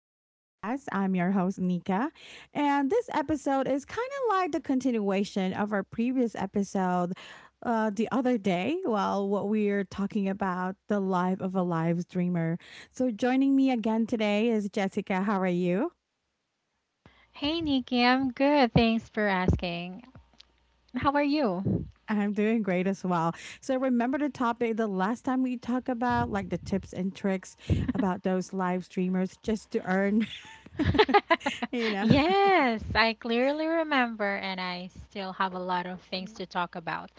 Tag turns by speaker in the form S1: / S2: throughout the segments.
S1: to the podcast. I'm your host, Nika. And this episode is kind of like the continuation of our previous episode the other day. Well, what we're talking about the life of a live dreamer. So, joining me again today is Jessica. How are you?
S2: Hey Nikki, I'm good. Thanks for asking. How are you?
S1: I'm doing great as well. So, remember the topic the last time we talked about, like the tips and tricks about those live streamers just to earn, you know.
S2: Yes, I clearly remember, and I still have a lot of things to talk about.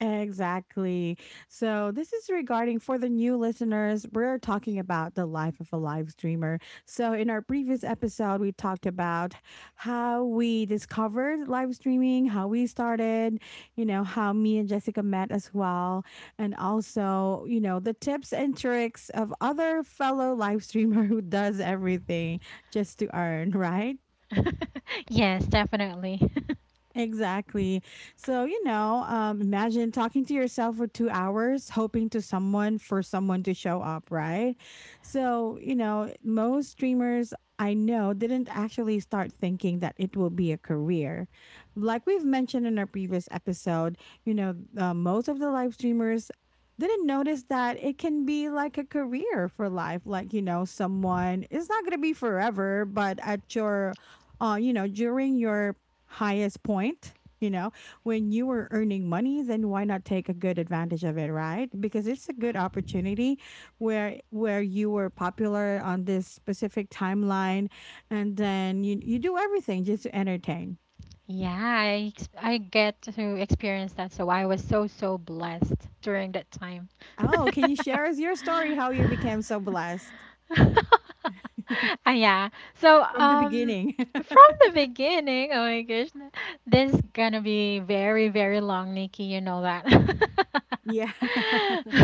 S1: Exactly. So, this is regarding for the new listeners, we're talking about the life of a live streamer. So, in our previous episode, we talked about how we discovered live streaming, how we started, you know, how me and Jessica met as well, and also, you know, the tips and tricks of other fellow live streamer who does everything just to earn, right?
S2: Yes, definitely.
S1: Exactly. So, you know, imagine talking to yourself for 2 hours, hoping to someone for someone to show up, right? So, you know, most streamers I know didn't actually start thinking that it will be a career. Like we've mentioned in our previous episode, you know, most of the live streamers didn't notice that it can be like a career for life. Like, you know, someone, it's not going to be forever, but at your you know, during your highest point, you know, when you were earning money, then why not take a good advantage of it, right? Because it's a good opportunity where you were popular on this specific timeline, and then you do everything just to entertain.
S2: Yeah, I get to experience that, so I was so, so blessed during that time.
S1: Oh, can you share us your story, how you became so blessed?
S2: Yeah. So,
S1: From the beginning.
S2: from the beginning, oh my gosh, this is gonna be very, very long, Nikki. You know that.
S1: Yeah.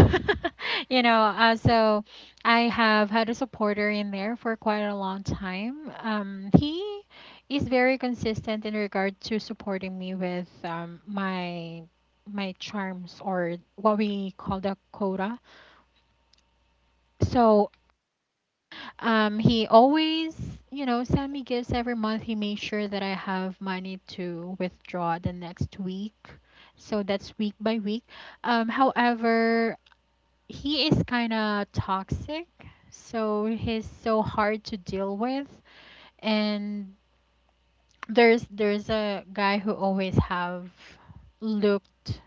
S2: You know, so I have had a supporter in there for quite a long time. He is very consistent in regard to supporting me with my charms or what we call the quota. So he always, send me gifts every month. He made sure that I have money to withdraw the next week. So that's week by week. However, he is kind of toxic. So he's so hard to deal with. And there's a guy who always have looked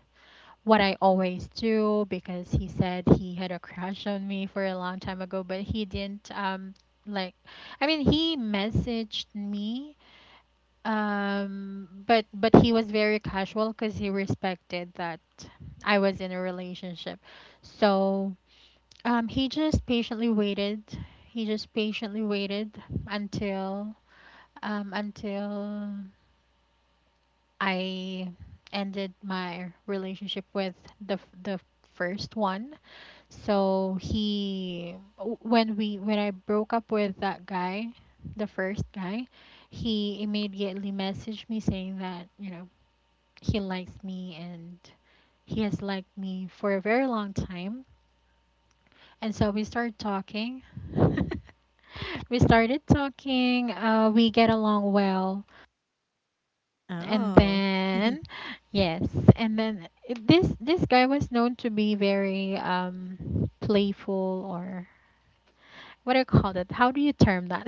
S2: what I always do, because he said he had a crush on me for a long time ago, but he didn't like, I mean, he messaged me, but he was very casual because he respected that I was in a relationship. So he just patiently waited. He just patiently waited until until I ended my relationship with the first one. So he w- when we when I broke up with that guy, the first guy, he immediately messaged me saying that, you know, he likes me, and he has liked me for a very long time. And so we started talking. We started talking, we get along well. And
S1: Oh.
S2: then, yes, and then this guy was known to be very playful, or what do you call that? How do you term that?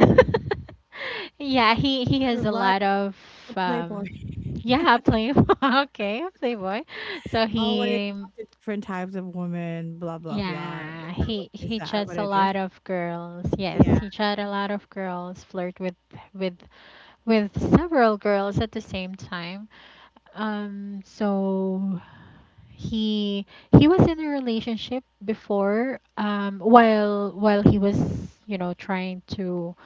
S2: Yeah, he has a
S1: Like
S2: lot of
S1: a playboy.
S2: um yeah, playboy. Okay, playboy. So
S1: Always
S2: he,
S1: talk to different types of women, blah blah blah. Is
S2: yeah,
S1: that what,
S2: he
S1: is
S2: he
S1: that
S2: chats
S1: what
S2: a
S1: it is?
S2: lot of girls. Yes,
S1: Yeah.
S2: he chat a lot of girls, flirt with with with several girls at the same time. So he he was in a relationship before, while he was, you know, trying to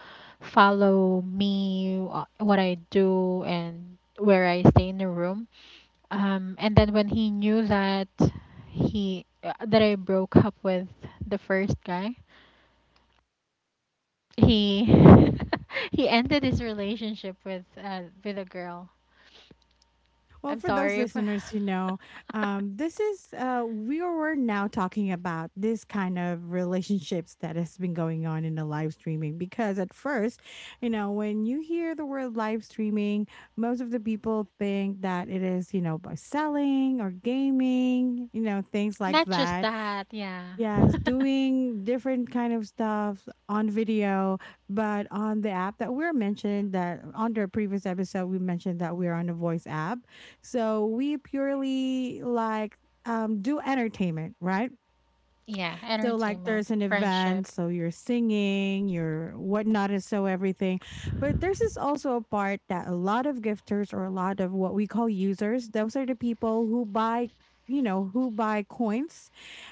S2: follow me, what I do, and where I stay in the room. And then when he knew that he that I broke up with the first guy, he he ended his relationship with a girl.
S1: Well,
S2: I'm
S1: for those
S2: sorry for
S1: listeners, you know, this is we were now talking about this kind of relationships that has been going on in the live streaming, because at first, you know, when you hear the word live streaming, most of the people think that it is, you know, about selling or gaming, you know, things like
S2: not just
S1: that.
S2: that. Yeah,
S1: Yes, doing different kind of stuff on video, but on the app that we're mentioned that on the previous episode we mentioned that we're on a voice app. So we purely like do entertainment, right?
S2: yeah,
S1: So like
S2: entertainment,
S1: there's an
S2: friendship.
S1: event, so you're singing, you're whatnot, and so everything. But there's is also a part that a lot of gifters or a lot of what we call users, those are the people who buy, you know, who buy coins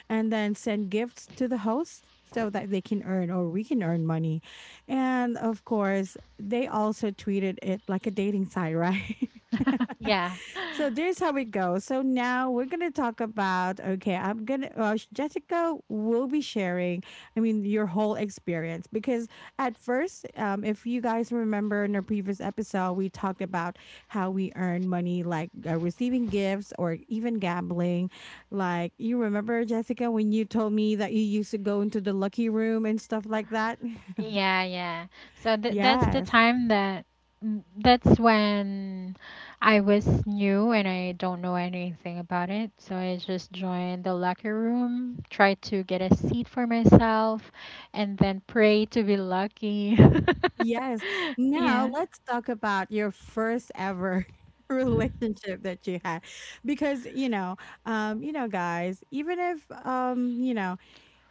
S1: and then send gifts to the host so that they can earn or we can earn money. And of course, they also treated it like a dating site, right?
S2: Yeah,
S1: So there's how it goes. So now we're gonna talk about. Okay, I'm gonna. Jessica will be sharing. I mean, your whole experience because at first, if you guys remember in our previous episode, we talked about how we earn money, like receiving gifts or even gambling. Like you remember, Jessica, when you told me that you used to go into the lucky room and stuff like that.
S2: yeah, yeah. So that's the
S1: Yes.
S2: time that that's when I was new and I don't know anything about it. So I just joined the locker room, tried to get a seat for myself, and then pray to be lucky.
S1: Yes. Now
S2: Yeah.
S1: let's talk about your first ever relationship that you had, because you know, you know guys, even if you know,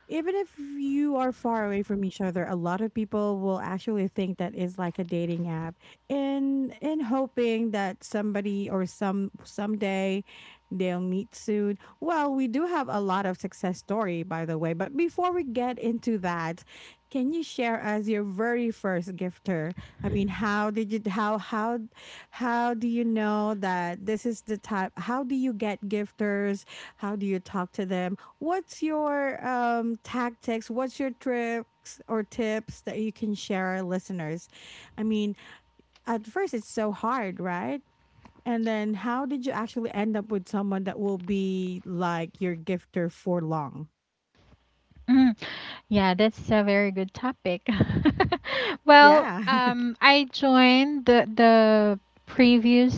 S1: even if you are far away from each other, a lot of people will actually think that is like a dating app, and hoping that somebody or someday they'll meet soon. Well, we do have a lot of success story, by the way, but before we get into that, can you share us your very first gifter? I mean, how did you, how how do you know that this is the type, how do you get gifters? How do you talk to them? What's your tactics? What's your tricks or tips that you can share our listeners? I mean, at first it's so hard, right? And then how did you actually end up with someone that will be like your gifter for long?
S2: Mm-hmm. Yeah, that's a very good topic. Well,
S1: Yeah.
S2: I joined the previous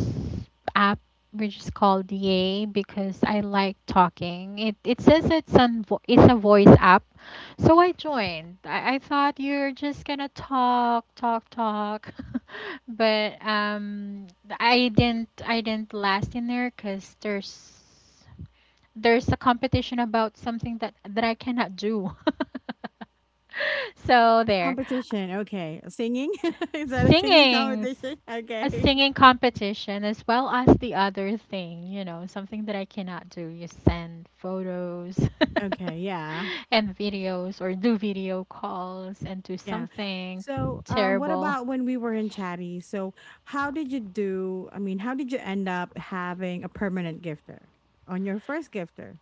S2: app, which is called Yay, because I like talking. It says it's a voice app, so I joined. I thought you're just gonna talk, talk, talk, but I didn't last in there because there's a competition about something that I cannot do. So there,
S1: Competition. Okay. Singing? Is that a singing
S2: singing's
S1: competition?
S2: a
S1: Okay.
S2: singing competition as well as the other thing, something that I cannot do. You send photos
S1: Okay, yeah.
S2: and videos or do video calls and do
S1: Yeah.
S2: something
S1: So, what
S2: terrible.
S1: about when we were in Chatty? So, how did you do? I mean, how did you end up having a permanent gifter on your first gifter?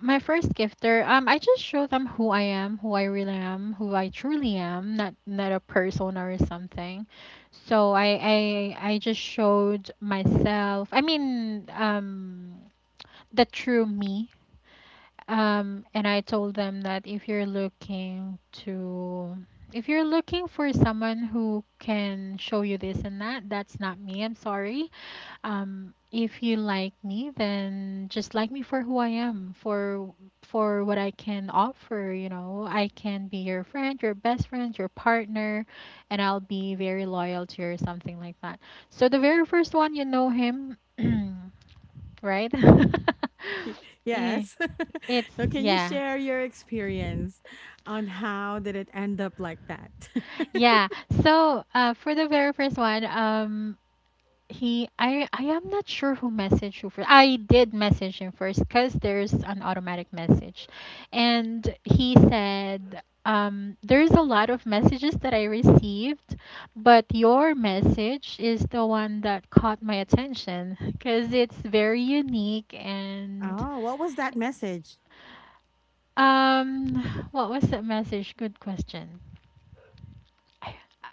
S2: My first gifter, I just show them who I am, who I really am, who I truly am, not a persona or something. So I just showed myself. I mean, the true me. And I told them that to, if you're looking for someone who can show you this and that, that's not me. I'm sorry. If you like me, then just like me for who I am, for what I can offer. You know, I can be your friend, your best friend, your partner, and I'll be very loyal to you or something like that. So the very first one, you know him, right?
S1: Y-
S2: Eh,
S1: Yes.
S2: it's
S1: Now, can you
S2: yeah.
S1: share your experience on how did it end up like that?
S2: Yeah. So, for the very first one, I am not sure who messaged who first. I did message him first because there's an automatic message, and he said, there's a lot of messages that I received, but your message is the one that caught my attention because it's very unique and,
S1: Oh, what was that message?
S2: what was that message? Good question.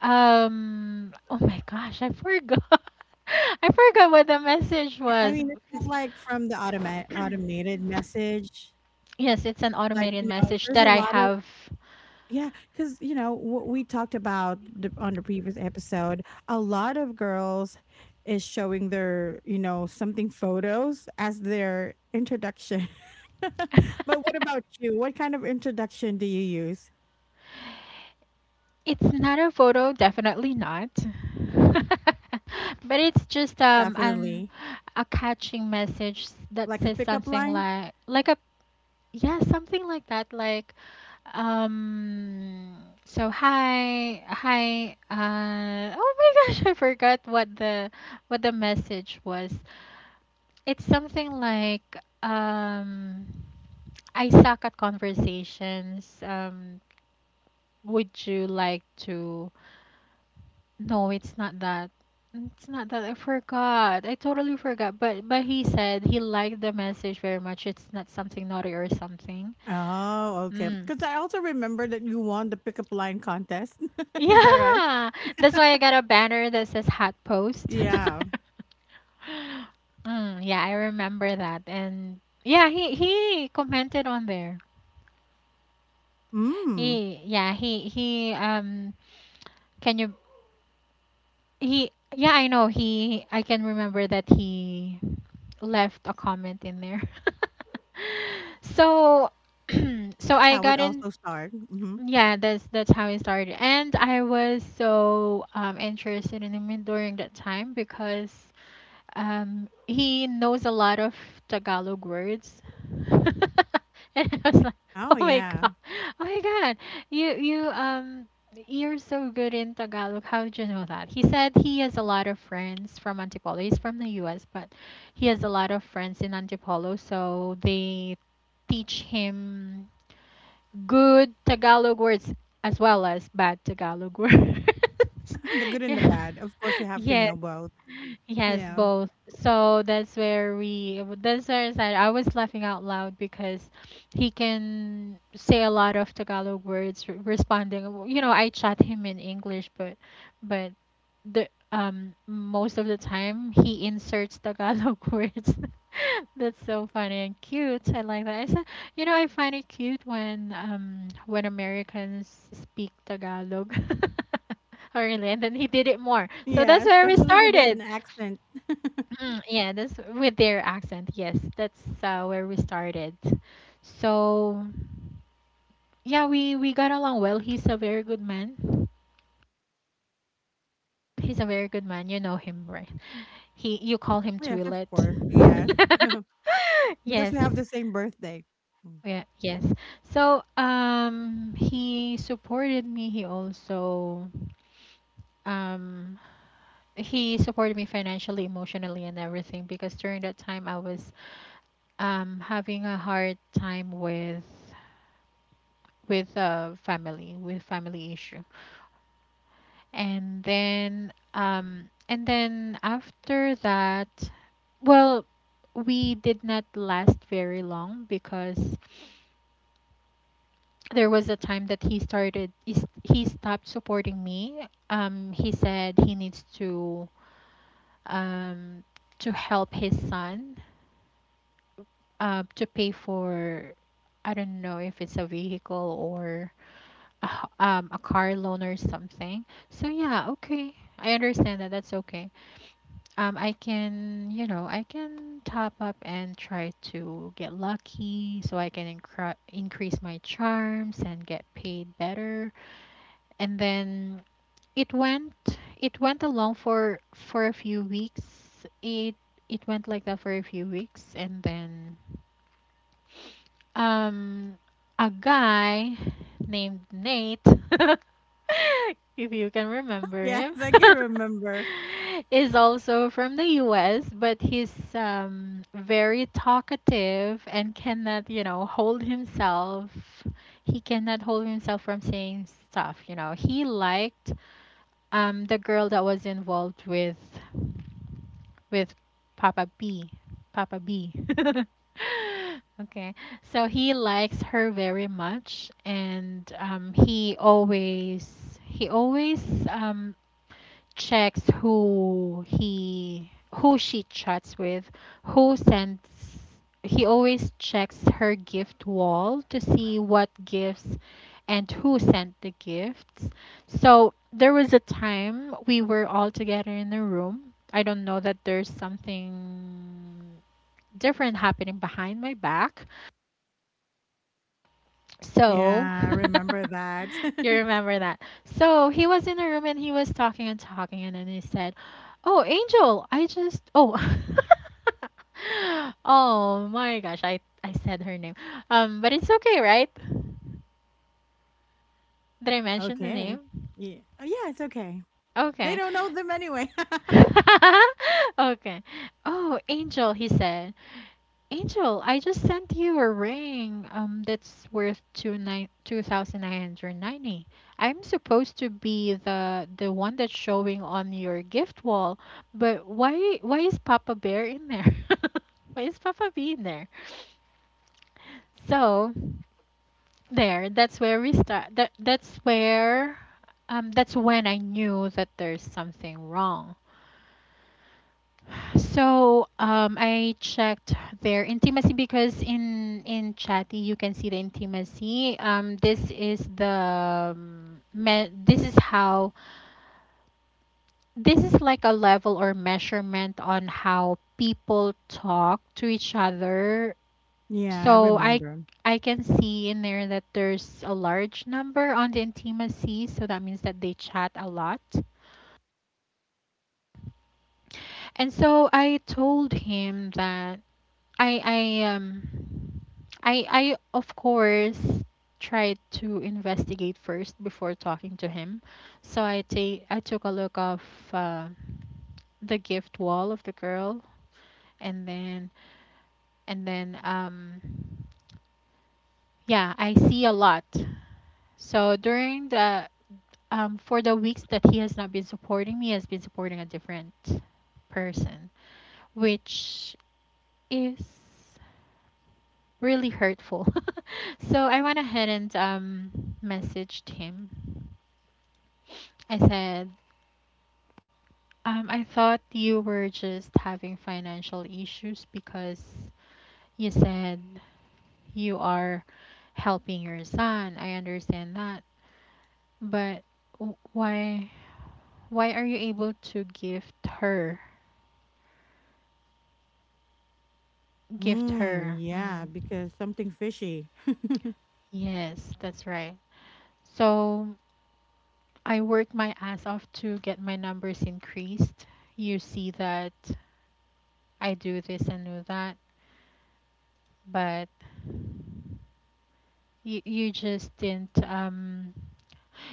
S2: Oh my gosh, I forgot. I forgot what the message
S1: I
S2: was,
S1: mean, it's not like from the automated message.
S2: yes, it's an
S1: Like
S2: automated
S1: you know,
S2: message
S1: there's
S2: that
S1: a
S2: I
S1: lot of.
S2: have.
S1: Yeah, because you know what we talked about the, on the previous episode, a lot of girls is showing their, you know, something photos as their introduction. But what about you? What kind of introduction do you use?
S2: It's not a photo, definitely not. But it's just an
S1: Definitely,
S2: a catching message that
S1: like a
S2: says
S1: pickup
S2: something
S1: line.
S2: like a yeah, something like that. Like, um, so hi, hi. Oh my gosh, I forgot what the message was. It's something like, I suck at conversations. Would you like to? No, it's not that. It's not that I forgot. I totally forgot. But he said he liked the message very much. It's not something naughty or something.
S1: Oh, okay.
S2: Mm.
S1: Because I also remember that you won the pickup line contest. Is that right?
S2: Yeah, that's why I got a banner that says hot post.
S1: Yeah.
S2: Yeah, I remember that. And yeah, he commented on there.
S1: Mm.
S2: He yeah, he can you he I can remember that he left a comment in there. So,
S1: That's
S2: I
S1: how it
S2: got in.
S1: also started. Hmm.
S2: Yeah, that's how it started. And I was so interested in him during that time, because he knows a lot of Tagalog words. And I was like,
S1: Oh
S2: "Oh my
S1: yeah,
S2: god. Oh my god. You you um you're so good in Tagalog. How did you know that?" He said he has a lot of friends from Antipolo. He's from the US, but he has a lot of friends in Antipolo, so they teach him good Tagalog words as well as bad Tagalog words.
S1: the good and the
S2: Yeah.
S1: bad. Of course, you have to
S2: Yes.
S1: know both.
S2: Yes,
S1: Yeah.
S2: both. That's where I said I was laughing out loud because he can say a lot of Tagalog words, responding. You know, I chat him in English, but, but the most of the time he inserts Tagalog words. That's so funny and cute. I like that. I said, you know, I find it cute when when Americans speak Tagalog. Oh, really? And then he did it more. So
S1: Yeah,
S2: that's where we
S1: especially with
S2: started.
S1: an accent.
S2: Yeah, that's with their accent. Yes, that's where we started. So yeah, we got along well. He's a very good man. He's a very good man. You know him, right? He you call him
S1: Yes, of
S2: Twillet.
S1: course. Yes, because we
S2: Yes.
S1: have the same birthday. Mm.
S2: Yeah, yes. So, he supported me. He also, um, he supported me financially, emotionally, and everything because during that time I was, having a hard time with family issue. And then after that, well, we did not last very long because there was a time that he stopped supporting me. He said he needs to um help his son, to pay for, I don't know if it's a vehicle or a car loan or something. So yeah, okay. I understand that. That's okay. I can top up and try to get lucky, so I can increase my charms and get paid better. And then it went, it went along for a few weeks. It it went like that for a few weeks, and then um, a guy named Nate if you can remember
S1: Yes,
S2: him,
S1: I can remember.
S2: is also from the US, but he's very talkative and cannot hold himself. He cannot hold himself from saying stuff. He liked the girl that was involved with with Papa B. Papa B. Okay, so he likes her very much, and he always um, checks who she chats with, who sends he always checks her gift wall to see what gifts and who sent the gifts. So there was a time we were all together in a room. I don't know that there's something different happening behind my back. So
S1: Yeah, I remember that.
S2: you remember that. So he was in a room and he was talking and talking, and then he said, "Oh, Angel, oh, oh my gosh, I said her name. But it's okay, right? Did I mention the
S1: Okay.
S2: name?
S1: Yeah. Oh, yeah, it's okay. They
S2: Okay.
S1: don't know them anyway.
S2: Okay. Oh, Angel," he said. "Angel, I just sent you a ring that's worth 2,990. I'm supposed to be the one that's showing on your gift wall, but why is Papa Bear in there? Why is Papa Bee in there?" So there, that's where we start. That's when I knew that there's something wrong. I checked their intimacy because in Chatty you can see the intimacy. This is the this is how this is like a level or measurement on how people talk to each other.
S1: Yeah, I
S2: So I
S1: remember.
S2: I can see in there that there's a large number on the intimacy. So that means that they chat a lot. And so I told him that I I um I of course tried to investigate first before talking to him. So I took a look of uh, the gift wall of the girl and then and then um yeah, I see a lot. So during the for the weeks that he has not been supporting me, he has been supporting a different person, which is really hurtful. So I went ahead and messaged him. I said, "I thought you were just having financial issues because you said you are helping your son. I understand that, but w- why why are you able to gift her? Gift
S1: Mm,
S2: her."
S1: yeah,
S2: Mm,
S1: because something fishy.
S2: yes, that's right. So I work my ass off to get my numbers increased. You see that I do this and do that, but you just didn't.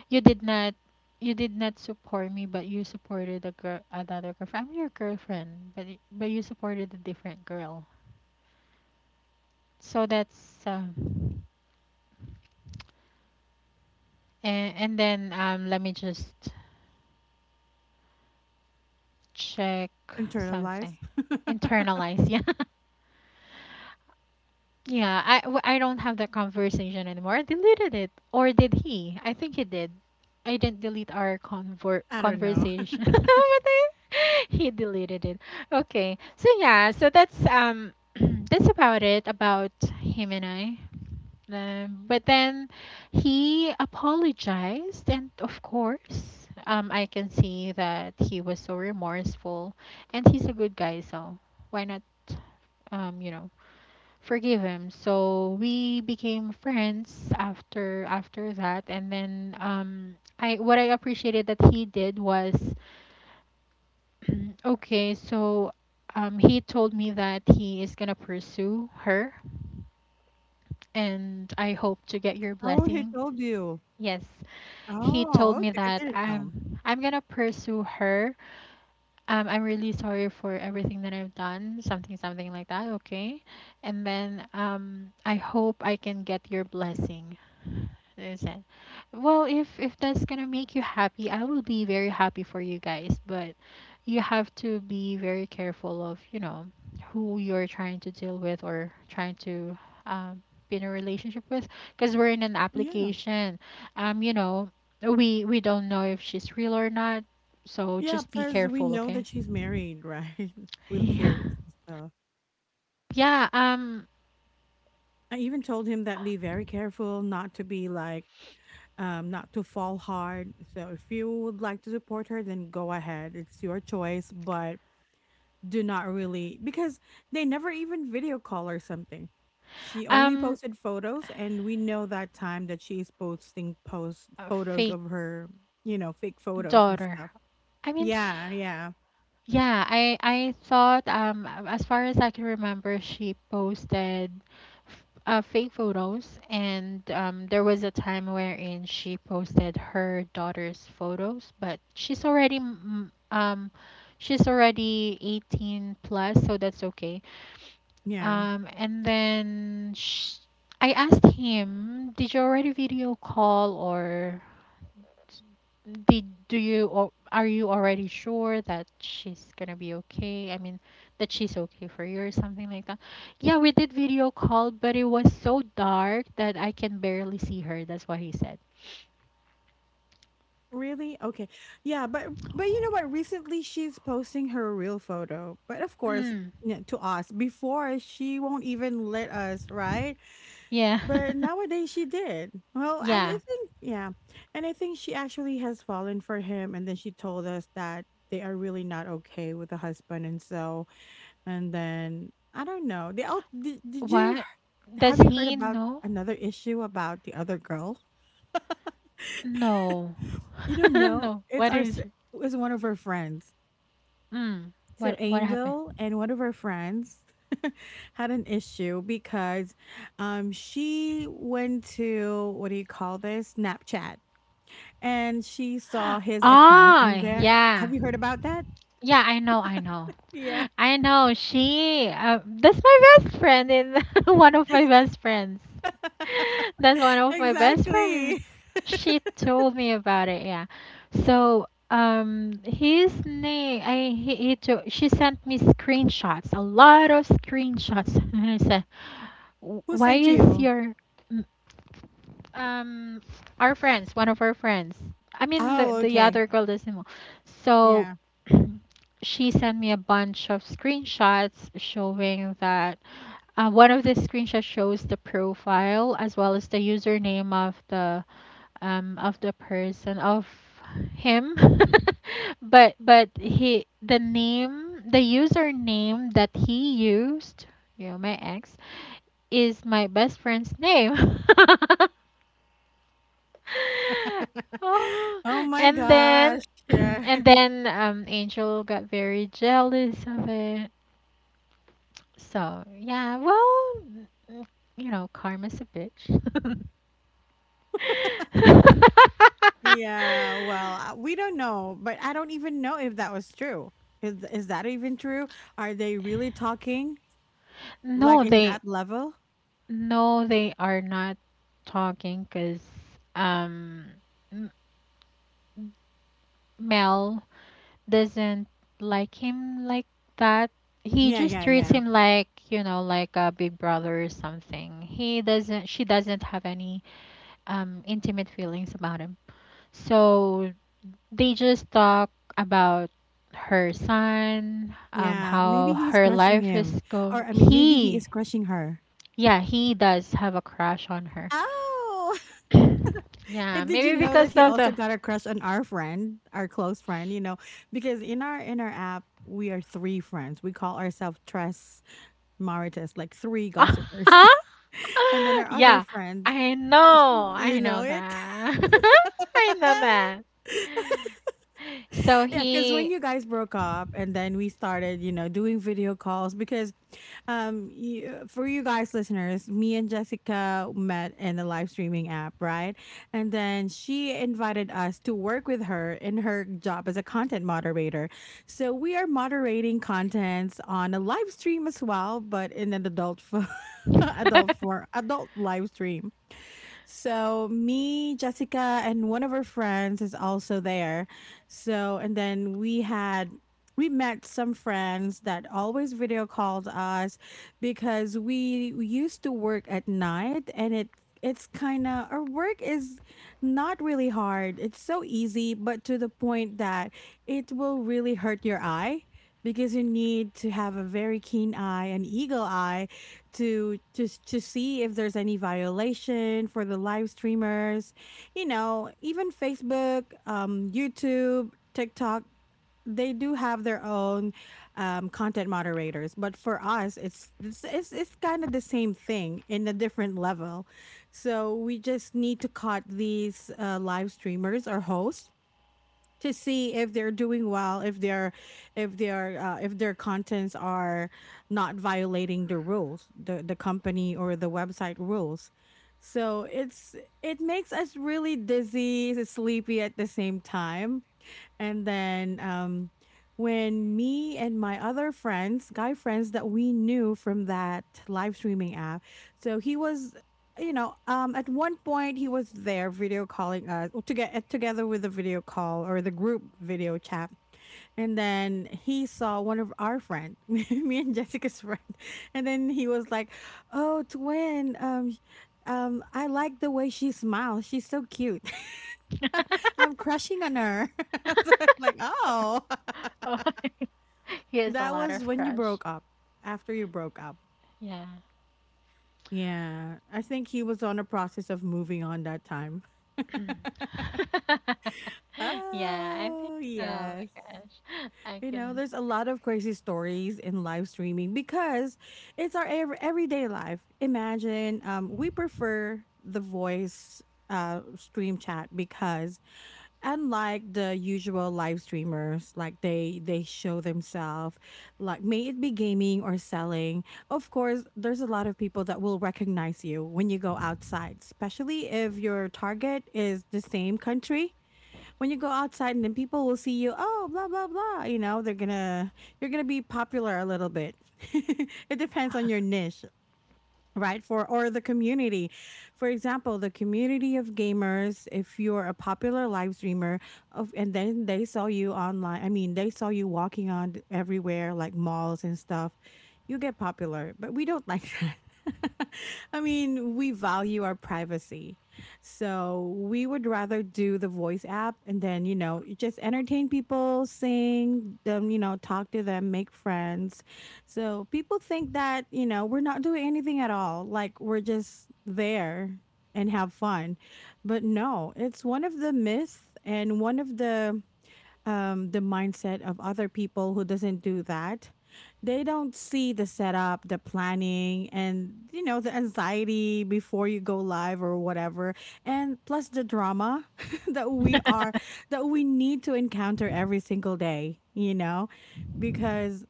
S2: You did not, support me, but you supported a girl, another girlfriend. I'm your girlfriend, but but you supported a different girl. So that's uh, and then let me just check something.
S1: Internalized.
S2: Internalize, yeah. Yeah, I don't have that conversation anymore. I deleted it, or did he? I think he did. I didn't delete our
S1: I don't know.
S2: conversation, but I, he deleted it. Okay, so yeah, so that's that's about it about him and I. But then he apologized, and of course, I can see that he was so remorseful, and he's a good guy, so why not um you know forgive him. So we became friends after that, and then I what I appreciated that he did was okay, so he told me that he is going to pursue her, and "I hope to get your
S1: Oh, he
S2: blessing."
S1: told you.
S2: Yes. He told
S1: Oh,
S2: me
S1: okay. I
S2: that,
S1: didn't
S2: "I'm
S1: know.
S2: going to pursue her. I'm really sorry for everything that I've done," something something like that, okay? And then "I hope I can get your blessing." Understand. Well, if that's gonna make you happy, I will be very happy for you guys. But you have to be very careful of, you know, who you're trying to deal with or trying to um, be in a relationship with, because we're in an
S1: Yeah.
S2: application. You know, we don't know if she's real or not, so
S1: Yeah,
S2: just be
S1: plus we
S2: careful,
S1: know
S2: okay?
S1: that she's married, right? With
S2: Yeah.
S1: kids and stuff.
S2: Yeah.
S1: I even told him that be very careful not to be like, not to fall hard. So if you would like to support her, then go ahead. It's your choice, but do not really because they never even video call or something. She only
S2: Um.
S1: posted photos, and we know that time that she's posting post
S2: A
S1: photos
S2: fake
S1: of her, you know, fake photos and
S2: daughter.
S1: stuff.
S2: I mean,
S1: Yeah, yeah,
S2: yeah, I thought, um, as far as I can remember, she posted fake photos, and um, there was a time wherein she posted her daughter's photos, but um she's already 18 plus, so that's okay.
S1: yeah.
S2: And then sh I asked him, "Did you already video call, or did do you or are you already sure that she's gonna be okay? I mean, that she's okay for you," or something like that. "Yeah, we did video call, but it was so dark that I can barely see her." That's what he said.
S1: Really? Okay. Yeah, but you know what? Recently she's posting her real photo. But of course,
S2: Mm,
S1: yeah, to us, before she won't even let us, right?
S2: yeah,
S1: But nowadays she did. Well, I
S2: yeah.
S1: think yeah. And I think she actually has fallen for him, and then she told us that they are really not okay with the husband, and so and then I don't know. They all did you
S2: What? Does
S1: have you heard
S2: he
S1: about
S2: know?
S1: another issue about the other girl?
S2: No,
S1: You don't know.
S2: no.
S1: It's
S2: What
S1: our
S2: is
S1: s- it
S2: it?
S1: was one of her friends.
S2: Mm,
S1: So
S2: what? What happened?
S1: Angel and one of her friends had an issue because she went to what do you call this? Snapchat, and she saw his account in
S2: Ah,
S1: there. Have
S2: yeah.
S1: you heard about that?
S2: Yeah, I know, I know.
S1: Yeah.
S2: I know. She, that's my best friend in one of my best friends. That's one of my best friends.
S1: Exactly.
S2: She told me about it, yeah. So, his name, I he took, she sent me screenshots, a lot of screenshots, and I said, "W-"
S1: Who
S2: "Why
S1: sent
S2: is
S1: you?
S2: your m- um our friends, one of our friends," I mean the
S1: Oh,
S2: the
S1: okay.
S2: other girl doesn't know. So
S1: Yeah.
S2: she sent me a bunch of screenshots showing that, one of the screenshots shows the profile as well as the username of the person of him. But he the name the username that he used, you know, my ex, is my best friend's name. Oh,
S1: Oh my
S2: and then
S1: gosh. Yeah.
S2: and then Angel got very jealous of it. So, yeah, well, mm, you know, karma's a bitch.
S1: Yeah. Well, we don't know, but I don't even know if that was true. Is that even true? Are they really talking? Like
S2: No,
S1: in that level?
S2: they are not talking because, um, M- Mel doesn't like him like that. He
S1: Yeah,
S2: just
S1: yeah,
S2: treats
S1: yeah.
S2: him like, you know, like a big brother or something. He doesn't. She doesn't have any intimate feelings about him. So they just talk about her son,
S1: Yeah,
S2: how
S1: maybe he is
S2: her
S1: crushing
S2: life
S1: him.
S2: is
S1: Or
S2: go.
S1: I mean, maybe he
S2: He,
S1: is crushing her.
S2: yeah, he does have a crush on her.
S1: Oh,
S2: Yeah,
S1: and did you
S2: maybe
S1: know that
S2: because
S1: he
S2: of the.
S1: also got a crush on our friend, our close friend, you know, because in our, app we are three friends. We call ourselves Tres Maritas, like three gossipers.
S2: Uh-huh.
S1: And then our other
S2: Yeah,
S1: friend, you
S2: I
S1: know
S2: know
S1: it.
S2: that. I know that. So
S1: Yeah, because when
S2: he.
S1: you guys broke up and then we started, you know, doing video calls because you, for you guys listeners, me and Jessica met in the live streaming app, right? And then she invited us to work with her in her job as a content moderator. So we are moderating contents on a live stream as well, but in an adult adult
S2: Oh,
S1: for adult live stream. So me, Jessica, and one of her friends is also there. So and then we had we met some friends that always video called us because we used to work at night and it's kind of our work is not really hard. It's so easy, but to the point that it will really hurt your eye because you need to have a very keen eye, an eagle eye to just to see if there's any violation for the live streamers. You know, even Facebook, YouTube, TikTok, they do have their own content moderators, but for us, it's kind of the same thing in a different level. So we just need to cut these live streamers or hosts to see if they're doing well, if they're if their contents are not violating the rules, the company or the website rules. So it's it makes us really dizzy, sleepy at the same time. And then when me and my other friends, guy friends that we knew from that live streaming app, so he was, at one point he was there video calling us to get together with the video call or the group video chat. And then he saw one of our friend, me and Jessica's friend, and then he was like, "Oh, twin, I like the way she smiles. She's so cute. I'm crushing on her." So I'm like, oh.
S2: he has a
S1: That
S2: lot
S1: was
S2: of
S1: when you
S2: crush.
S1: broke up. After you broke up.
S2: Yeah.
S1: Yeah. I think he was on a process of moving on that time.
S2: Yeah, I think.
S1: Oh,
S2: Oh my
S1: yes.
S2: gosh, I
S1: You know,
S2: can.
S1: there's a lot of crazy stories in live streaming because it's our everyday life. Imagine we prefer the voice stream chat because unlike the usual live streamers, like they show themselves, like may it be gaming or selling. Of course there's a lot of people that will recognize you when you go outside, especially if your target is the same country. When you go outside and then people will see you, oh, blah blah blah, you know, they're gonna, you're gonna be popular a little bit. It depends on your niche, right, for or the community. For example, the community of gamers, if you're a popular live streamer of, and then they saw you online, I mean they saw you walking on everywhere like malls and stuff, you get popular, but we don't like that. I mean, we value our privacy. So we would rather do the voice app, and then you know, you just entertain people, sing them, you know, talk to them, make friends. So people think that, you know, we're not doing anything at all. Like we're just there and have fun. But no, it's one of the myths and one of the mindset of other people who doesn't do that. They don't see the setup, the planning, and you know the anxiety before you go live or whatever, and plus the drama that we are, that we need to encounter every single day, you know? Because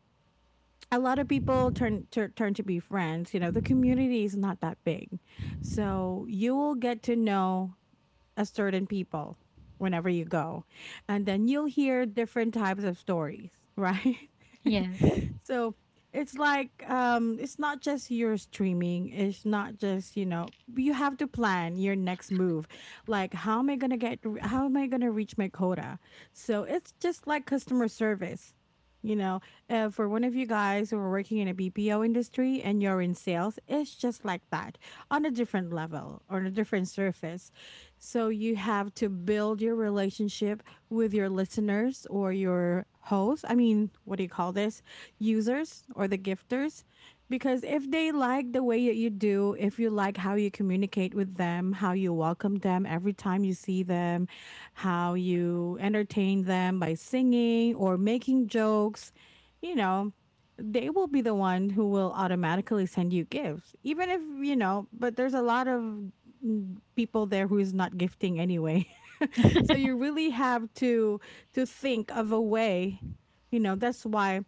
S1: a lot of people turn to be friends. You know, the community is not that big, so you will get to know a certain people whenever you go, and then you'll hear different types of stories, right?
S2: Yes.
S1: So it's like, it's not just your streaming, it's not just, you know, you have to plan your next move. Like how am I going to reach my quota? So it's just like customer service, you know. Uh, for one of you guys who are working in a BPO industry and you're in sales, it's just like that, on a different level, on a different surface. So you have to build your relationship with your listeners or your hosts. I mean, what do you call this? Users or the gifters. Because if they like the way that you do, if you like how you communicate with them, how you welcome them every time you see them, how you entertain them by singing or making jokes, you know, they will be the one who will automatically send you gifts, even if you know, but there's a lot of people there who's not gifting anyway. So you really have to think of a way, you know, that's why,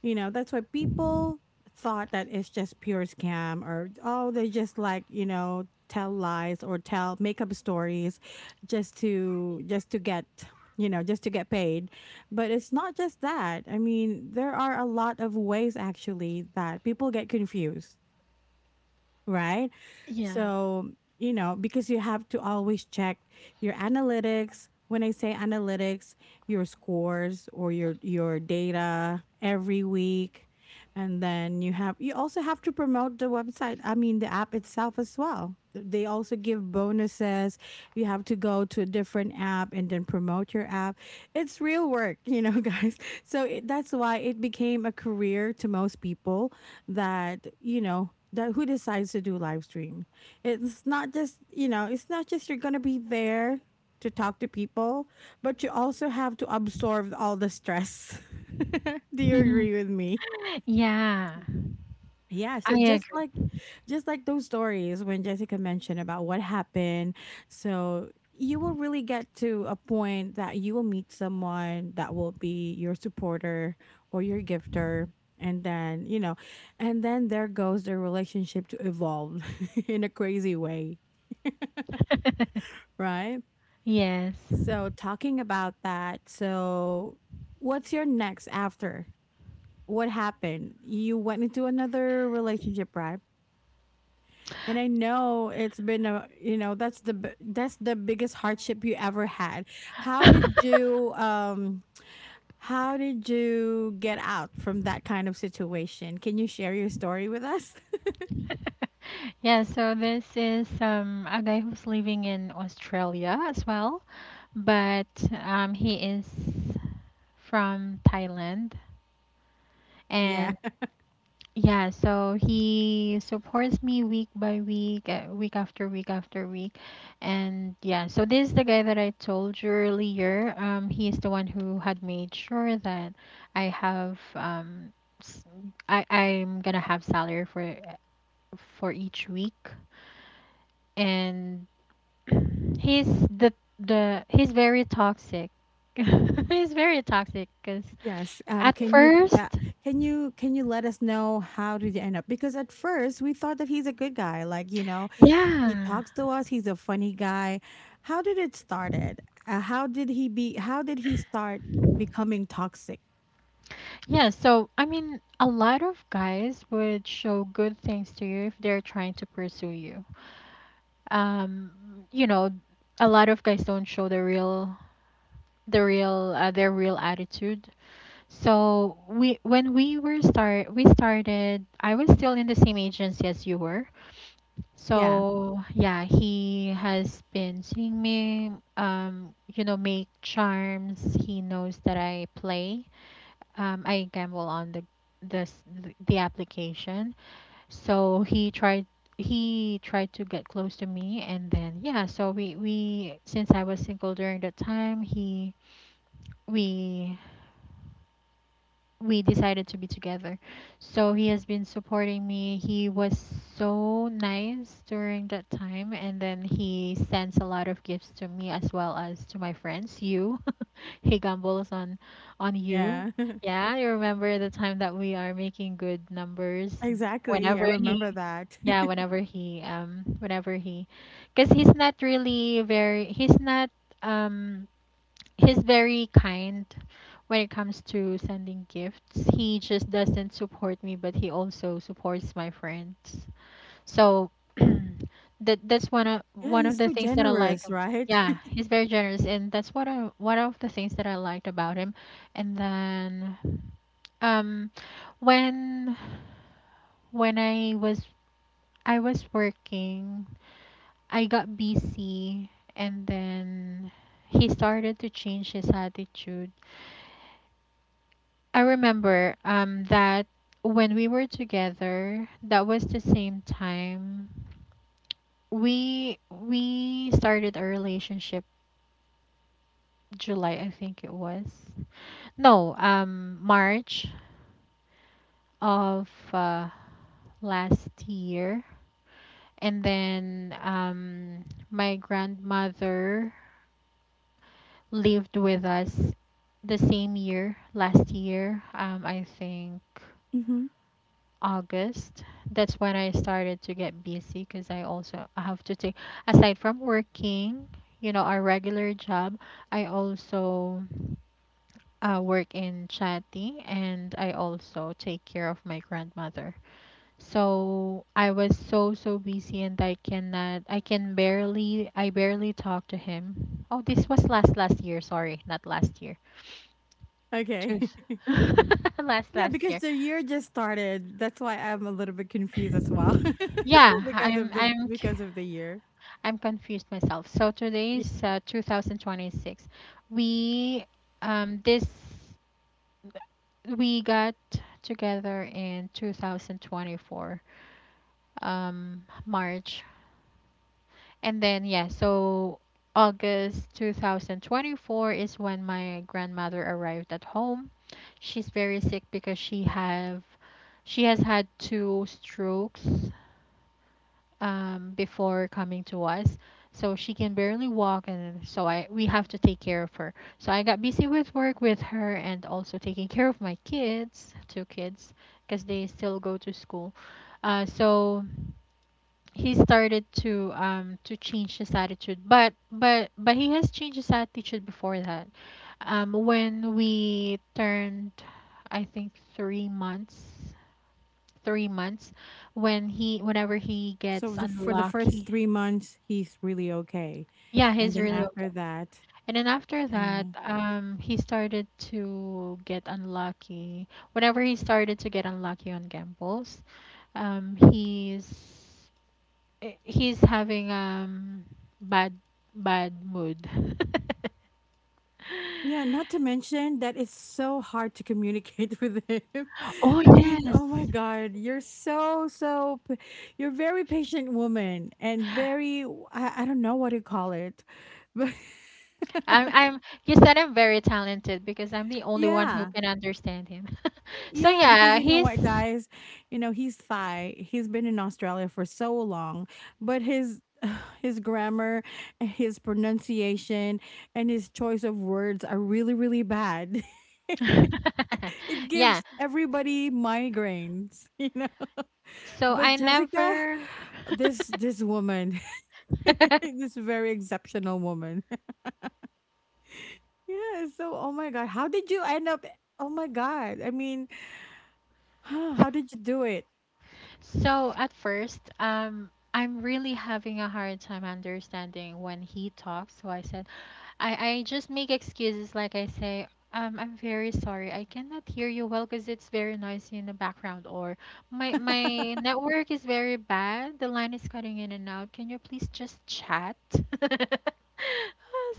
S1: you know, that's why people thought that it's just pure scam, or oh, they just like, you know, tell lies or tell make up stories just to get, you know, just to get paid. But it's not just that. I mean, there are a lot of ways actually that people get confused, right?
S2: Yeah.
S1: So, you know, because you have to always check your analytics. When I say analytics, your scores or your data every week. And then you also have to promote the website, I mean the app itself as well. They also give bonuses. You have to go to a different app and then promote your app. It's real work, you know, guys. So it, that's why it became a career to most people that who decides to do live stream. It's not just, you know, it's not just you're gonna be there to talk to people, but you also have to absorb all the stress. Do you
S2: Mhm.
S1: agree with me?
S2: Yeah,
S1: Yeah, so
S2: I
S1: just like,
S2: agree.
S1: just like those stories when Jessica mentioned about what happened. So you will really get to a point that you will meet someone that will be your supporter or your gifter, and then, and then there goes the relationship to evolve in a crazy way, right?
S2: Yes.
S1: So talking about that, so what's your next after? What happened? You went into another relationship, right? And I know it's been a, you know, that's that's the biggest hardship you ever had. How did you um how did you get out from that kind of situation? Can you share your story with us?
S2: Yeah, so this is, a guy who's living in Australia as well, but, he is from Thailand,
S1: Yeah.
S2: and yeah, so he supports me week by week, week after week after week. And yeah, so this is the guy that I told you earlier. He is the one who had made sure that I have s- I I'm gonna have salary for for each week. And he's the the he's very toxic. He's very toxic because
S1: Yes.
S2: at
S1: Can you
S2: first,
S1: can you let us know how did you end up? Because at first we thought that he's a good guy, like, you know. He
S2: yeah.
S1: talks to us. He's a funny guy. How did it started? How did he be? How did he start becoming toxic?
S2: Yeah, so I mean, a lot of guys would show good things to you if they're trying to pursue you. Um, you know, a lot of guys don't show the real, their real attitude. So we, when we were start, we started. I was still in the same agency as you were.
S1: Yeah,
S2: So yeah, he has been seeing me. You know, make charms. He knows that I play, I gamble on this the application. So he tried to get close to me, and then yeah, so we since I was single during that time, he we we decided to be together. So he has been supporting me. He was so nice during that time, and then he sends a lot of gifts to me as well as to my friends, you. He gambles on you.
S1: yeah,
S2: Yeah, you remember the time that we are making good numbers
S1: exactly. I
S2: whenever
S1: remember that.
S2: whenever he whenever he, cuz he's not really very he's not, um he's very kind when it comes to sending gifts. He just doesn't support me, but he also supports my friends. So that, that's
S1: Yeah,
S2: one of
S1: he's
S2: the
S1: so
S2: things that I liked.
S1: generous,
S2: Ab-
S1: right?
S2: yeah, he's very generous, and that's what I, one of the things that I liked about him. And then, um, when when I was I was working, I got busy, and then he started to change his attitude. I remember, um, that when we were together, that was the same time we started our relationship July, I think it was. No, March of, last year. And then, my grandmother lived with us the same year, last year, I think
S1: Hmm.
S2: August. That's when I started to get busy because I also have to take, aside from working, you know, our regular job, I also, work in Chatty, and I also take care of my grandmother. So I was so so busy, and I cannot I can barely I barely talk to him. Oh, this was last last year, sorry, not last year.
S1: Okay.
S2: Truth. Last
S1: Yeah,
S2: last
S1: because
S2: year.
S1: the year just started. That's why I'm a little bit confused as well.
S2: Yeah,
S1: because of the year.
S2: I'm confused myself. So
S1: Yeah.
S2: today's, 2026. We this we got together in 2024, um, March. And then, yeah, so August 2024 is when my grandmother arrived at home. She's very sick because she has had two strokes, before coming to us. So she can barely walk, and so I we have to take care of her. So I got busy with work with her, and also taking care of my kids, two kids, because they still go to school. So he started to change his attitude, but but he has changed his attitude before that, um, when we turned, I think 3 months three months when he whenever he
S1: So
S2: gets
S1: the, for the first
S2: unlucky.
S1: 3 months he's really okay.
S2: Yeah,
S1: And
S2: he's
S1: then
S2: really okay,
S1: after that,
S2: and then after that,
S1: yeah.
S2: um, he started to get unlucky. Whenever he started to get unlucky on gambles, um, he's having, um, bad bad mood.
S1: Yeah, not to mention that it's so hard to communicate with him.
S2: Oh
S1: I mean, oh my
S2: yes.
S1: god, you're so you're very patient woman and very, I don't know what to call it. But
S2: I'm You said I'm very talented because I'm the only one who
S1: yeah.
S2: can understand him. So
S1: Yeah, because
S2: yeah,
S1: you know what,
S2: he's
S1: guys, you know he's Thai. He's been in Australia for so long, but his his grammar, his pronunciation, and his choice of words are really, really bad. It
S2: yeah.
S1: gives everybody migraines, you know.
S2: So
S1: But
S2: I
S1: Jessica,
S2: never
S1: this woman, this very exceptional woman. Yeah. So, oh my God, how did you end up? Oh my God. I mean, how did you do it?
S2: so at first, I'm really having a hard time understanding when he talks. So I said I just make excuses like I say, I'm very sorry. I cannot hear you well because it's very noisy in the background, or my network is very bad. The line is cutting in and out. Can you please just chat?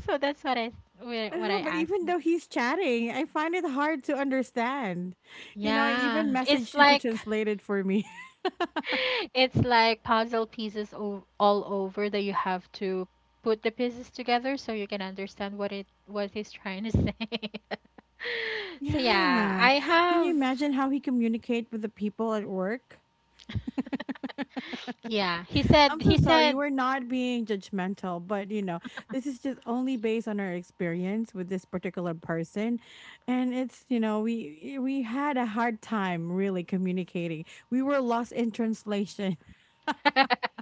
S2: So that's what I
S1: No, but
S2: asked.
S1: even though he's chatting, I find it hard to understand. You know, I even
S2: Yeah, it's
S1: messaged you to
S2: like
S1: translate it for me.
S2: it's like puzzle pieces all over that you have to put the pieces together so you can understand what it what he's trying to say. So yeah,
S1: Yeah.
S2: I
S1: Can you
S2: have
S1: imagine how he communicate with the people at work?
S2: yeah, he said
S1: I'm so
S2: he
S1: sorry.
S2: said
S1: We're not being judgmental, but you know, this is just only based on our experience with this particular person, and it's, you know, we had a hard time really communicating. We were lost in translation.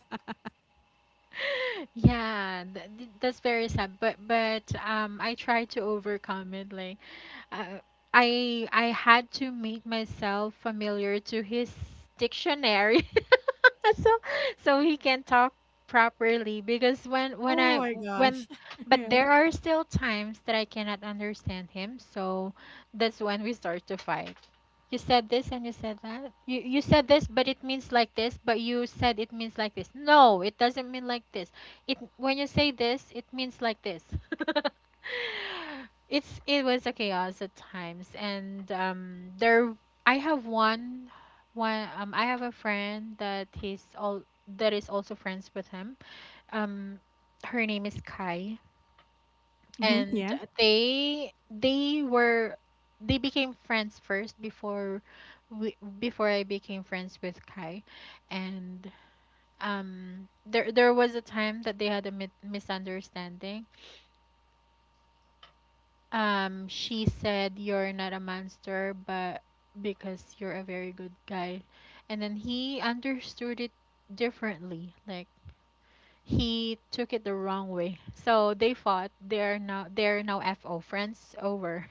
S2: yeah, that's very sad. But I tried to overcome it. Like uh, I had to make myself familiar to his dictionary. So so he can talk properly because when when
S1: Oh
S2: i
S1: my
S2: when
S1: gosh.
S2: but
S1: Yeah.
S2: there are still times that I cannot understand him, so that's when we start to fight. You said this and you said that. You said this, but it means like this. But you said it means like this. No, it doesn't mean like this. It when you say this, it means like this. It was a chaos at times, and there I have one I have a friend that he's all that is also friends with him. Um, Her name is Kai,
S1: Hmm.
S2: and
S1: Yeah.
S2: they they were they became friends first before we before I became friends with Kai. And there there was a time that they had a misunderstanding. She said, "You're not a monster, but because you're a very good guy." And then he understood it differently. Like, he took it the wrong way, so they fought. They are now, they are now fo friends over.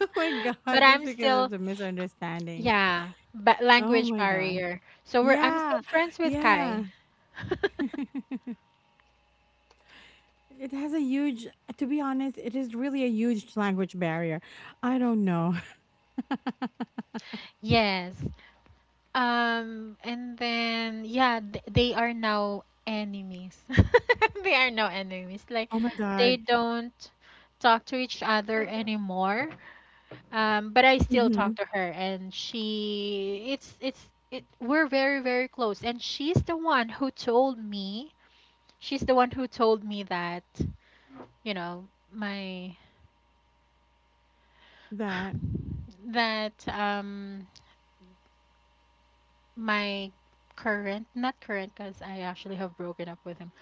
S1: Oh my
S2: But
S1: god, just
S2: I'm
S1: because of
S2: still
S1: the misunderstanding.
S2: yeah, but
S1: Oh
S2: language
S1: my gosh.
S2: barrier. So we're I'm still
S1: Yeah.
S2: friends with
S1: Yeah.
S2: Kai.
S1: It has a huge, to be honest, it is really a huge language barrier. I don't know.
S2: Yes. And then yeah, they are now enemies. They are now enemies. Like,
S1: Oh my
S2: they
S1: god.
S2: don't talk to each other anymore. But I still talk
S1: Mhm.
S2: to her, and she it's it we're very very close, and she's the one who told me, that, you know,
S1: That.
S2: that um my current, not current because I actually have broken up with him,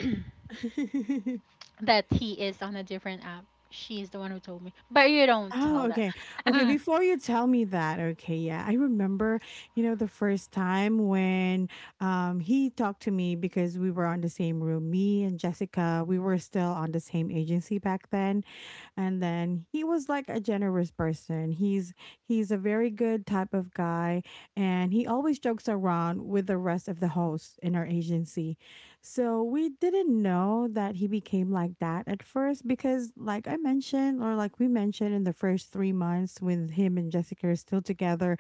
S2: that he is on a different app. She's the one who told me. But you don't
S1: Oh,
S2: tell that.
S1: okay. Okay, before you tell me that, okay, yeah. I remember, you know, the first time when he talked to me because we were on the same room, me and Jessica, we were still on the same agency back then. And then he was like a generous person. He's a very good type of guy, and he always jokes around with the rest of the hosts in our agency. So we didn't know that he became like that at first, because like I mentioned, or like we mentioned, in the first 3 months when him and Jessica are still together,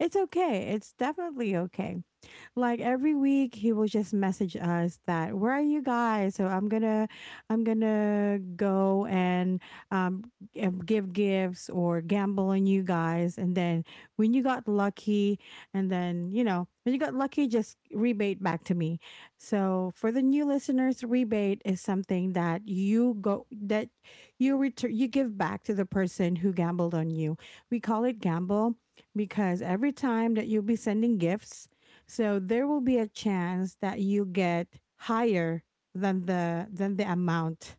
S1: it's okay, it's definitely okay. Like every week he will just message us that, where are you guys, so I'm gonna go and um, give gifts or gamble on you guys. And then when you got lucky, and then you know, when you got lucky, just rebate back to me. So for the new listeners, rebate is something that you go that you return, you give back to the person who gambled on you. We call it gamble, because every time that you'll be sending gifts, so there will be a chance that you get higher than the amount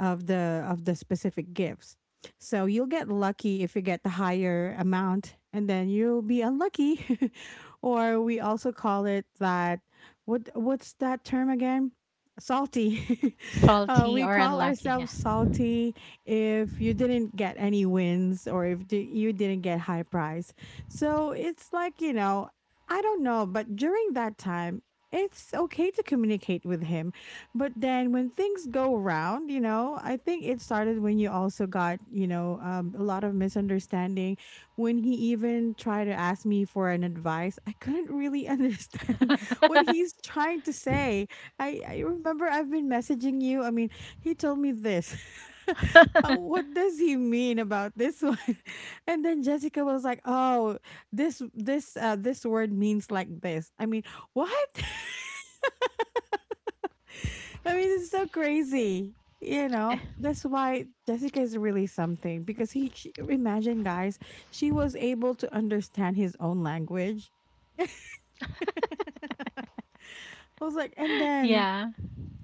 S1: of the specific gifts. So you'll get lucky if you get the higher amount, and then you'll be unlucky. Or we also call it that. What what's that term again? Salty. Uh,
S2: Salty
S1: we
S2: or
S1: call
S2: unlucky,
S1: ourselves salty if you didn't get any wins, or if you didn't get high prize. So it's like, you know, I don't know, but during that time, it's okay to communicate with him, but then when things go around, you know, I think it started when you also got, you know, a lot of misunderstanding. When he even tried to ask me for an advice, I couldn't really understand what
S2: yeah.
S1: he's trying to say. I remember I've been messaging you. I mean, he told me this. What does he mean about this one? And then Jessica was like, "Oh, this this word means like this." I mean, what? I mean, it's so crazy. You know, that's why Jessica is really something because she, imagine guys, she was able to understand his own language. I was like, and then,
S2: Yeah.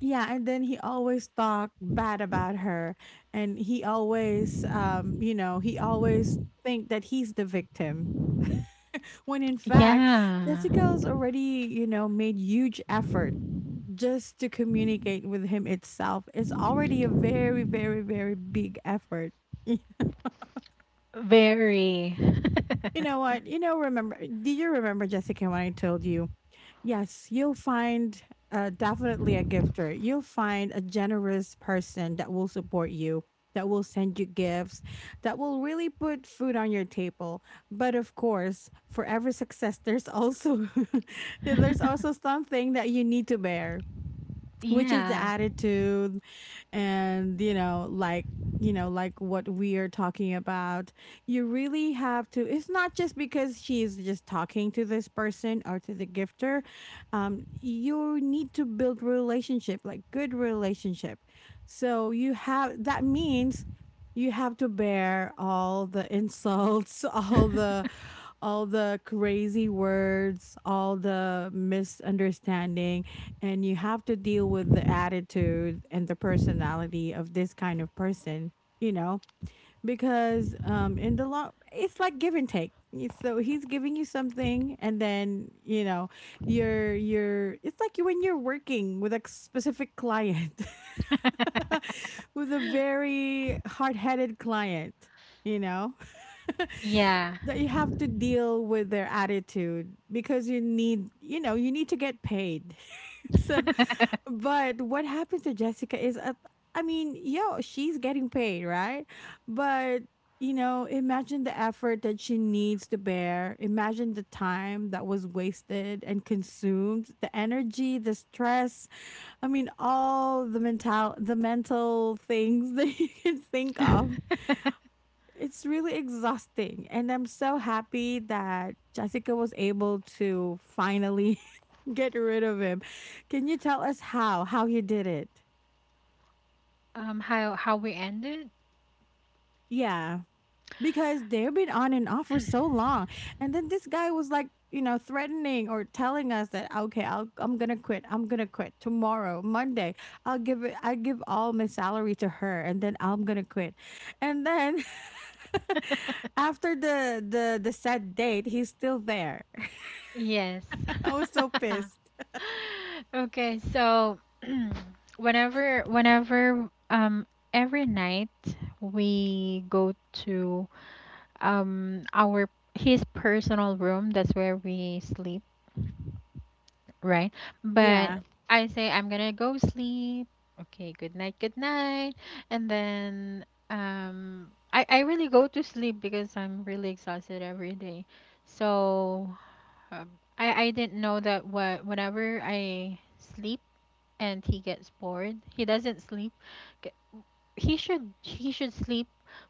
S1: yeah, and then he always talked bad about her. And he always, you know, he always think that he's the victim. When in fact,
S2: Yeah.
S1: Jessica's already, you know, made huge effort just to communicate with him itself is already a very, very, very big effort.
S2: Very.
S1: You know what? You know, remember, do you remember, Jessica, when I told you, yes, you'll find definitely a gifter. You'll find a generous person that will support you, that will send you gifts, that will really put food on your table. But of course, for every success, there's also there's also something that you need to bear, which is the
S2: Yeah.
S1: attitude, and you know, like, you know, like what we are talking about, you really have to, it's not just because she's just talking to this person or to the gifter. You need to build relationship, like good relationship, so you have, that means you have to bear all the insults, all the, all the crazy words, all the misunderstanding, and you have to deal with the attitude and the personality of this kind of person, you know, because in the long, it's like give and take. So he's giving you something, and then you know you're. It's like you, when you're working with a specific client, with a very hard-headed client, you know
S2: Yeah.
S1: that you have to deal with their attitude because you need, you know, you need to get paid so. But what happens to Jessica is I mean, yo, she's getting paid, right? But, you know, imagine the effort that she needs to bear, imagine the time that was wasted and consumed, the energy, the stress. I mean, all the mental, the mental things that you can think of, it's really exhausting. And I'm so happy that Jessica was able to finally get rid of him. Can you tell us how? How you did it?
S2: How we ended?
S1: Yeah. Because they've been on and off for so long. And then this guy was like, you know, threatening or telling us that okay, I'm gonna quit. I'm gonna quit tomorrow, Monday. I'll give it. I give all my salary to her, and then I'm gonna quit. And then after the set date, he's still there.
S2: Yes.
S1: I was so pissed.
S2: Okay, so whenever every night we go to our his personal room, that's where we sleep. Right. But
S1: Yeah,
S2: I say I'm gonna go sleep. Okay, good night, good night. And then I really go to sleep because I'm really exhausted every day. So, um, I didn't know that what whenever I sleep and he gets bored, he doesn't sleep. K- he should sleep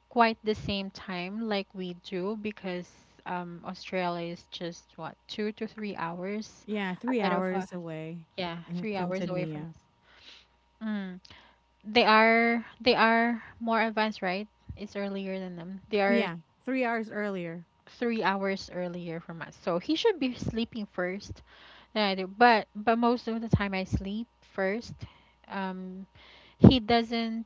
S2: quite the same time like we do, because Australia is just what 2 to 3 hours
S1: yeah, 3
S2: ahead of us.
S1: hours away,
S2: Yeah,
S1: eh,
S2: three
S1: from
S2: hours away
S1: Sydney,
S2: from
S1: yeah.
S2: us. Mm. They are more advanced, right? It's earlier than them. They are
S1: Yeah, 3 hours earlier.
S2: 3 hours earlier from us, so he should be sleeping first than I do. But most of the time I sleep first. Um, he doesn't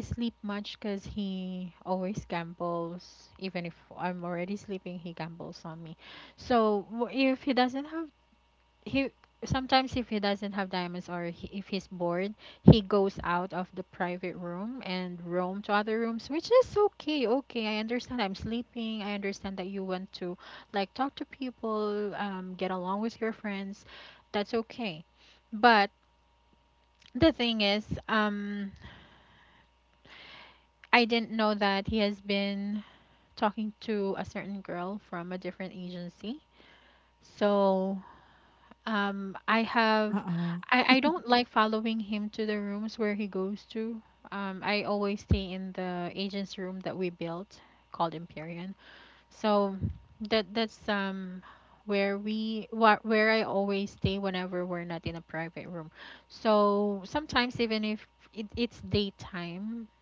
S2: sleep much because he always gambles. Even if I'm already sleeping, he gambles on me. So w- if he doesn't have he sometimes if he doesn't have diamonds, or he, if he's bored, he goes out of the private room and roam to other rooms, which is okay. Okay, I understand, I'm sleeping. I understand that you want to like talk to people, get along with your friends. That's okay. But the thing is, um I didn't know that he has been talking to a certain girl from a different agency. So Um, I have,
S1: Uh-oh.
S2: I don't like following him to the rooms where he goes to. I always stay in the agent's room that we built, called Empyrean. So that's where where I always stay whenever we're not in a private room. So sometimes, even if it's daytime,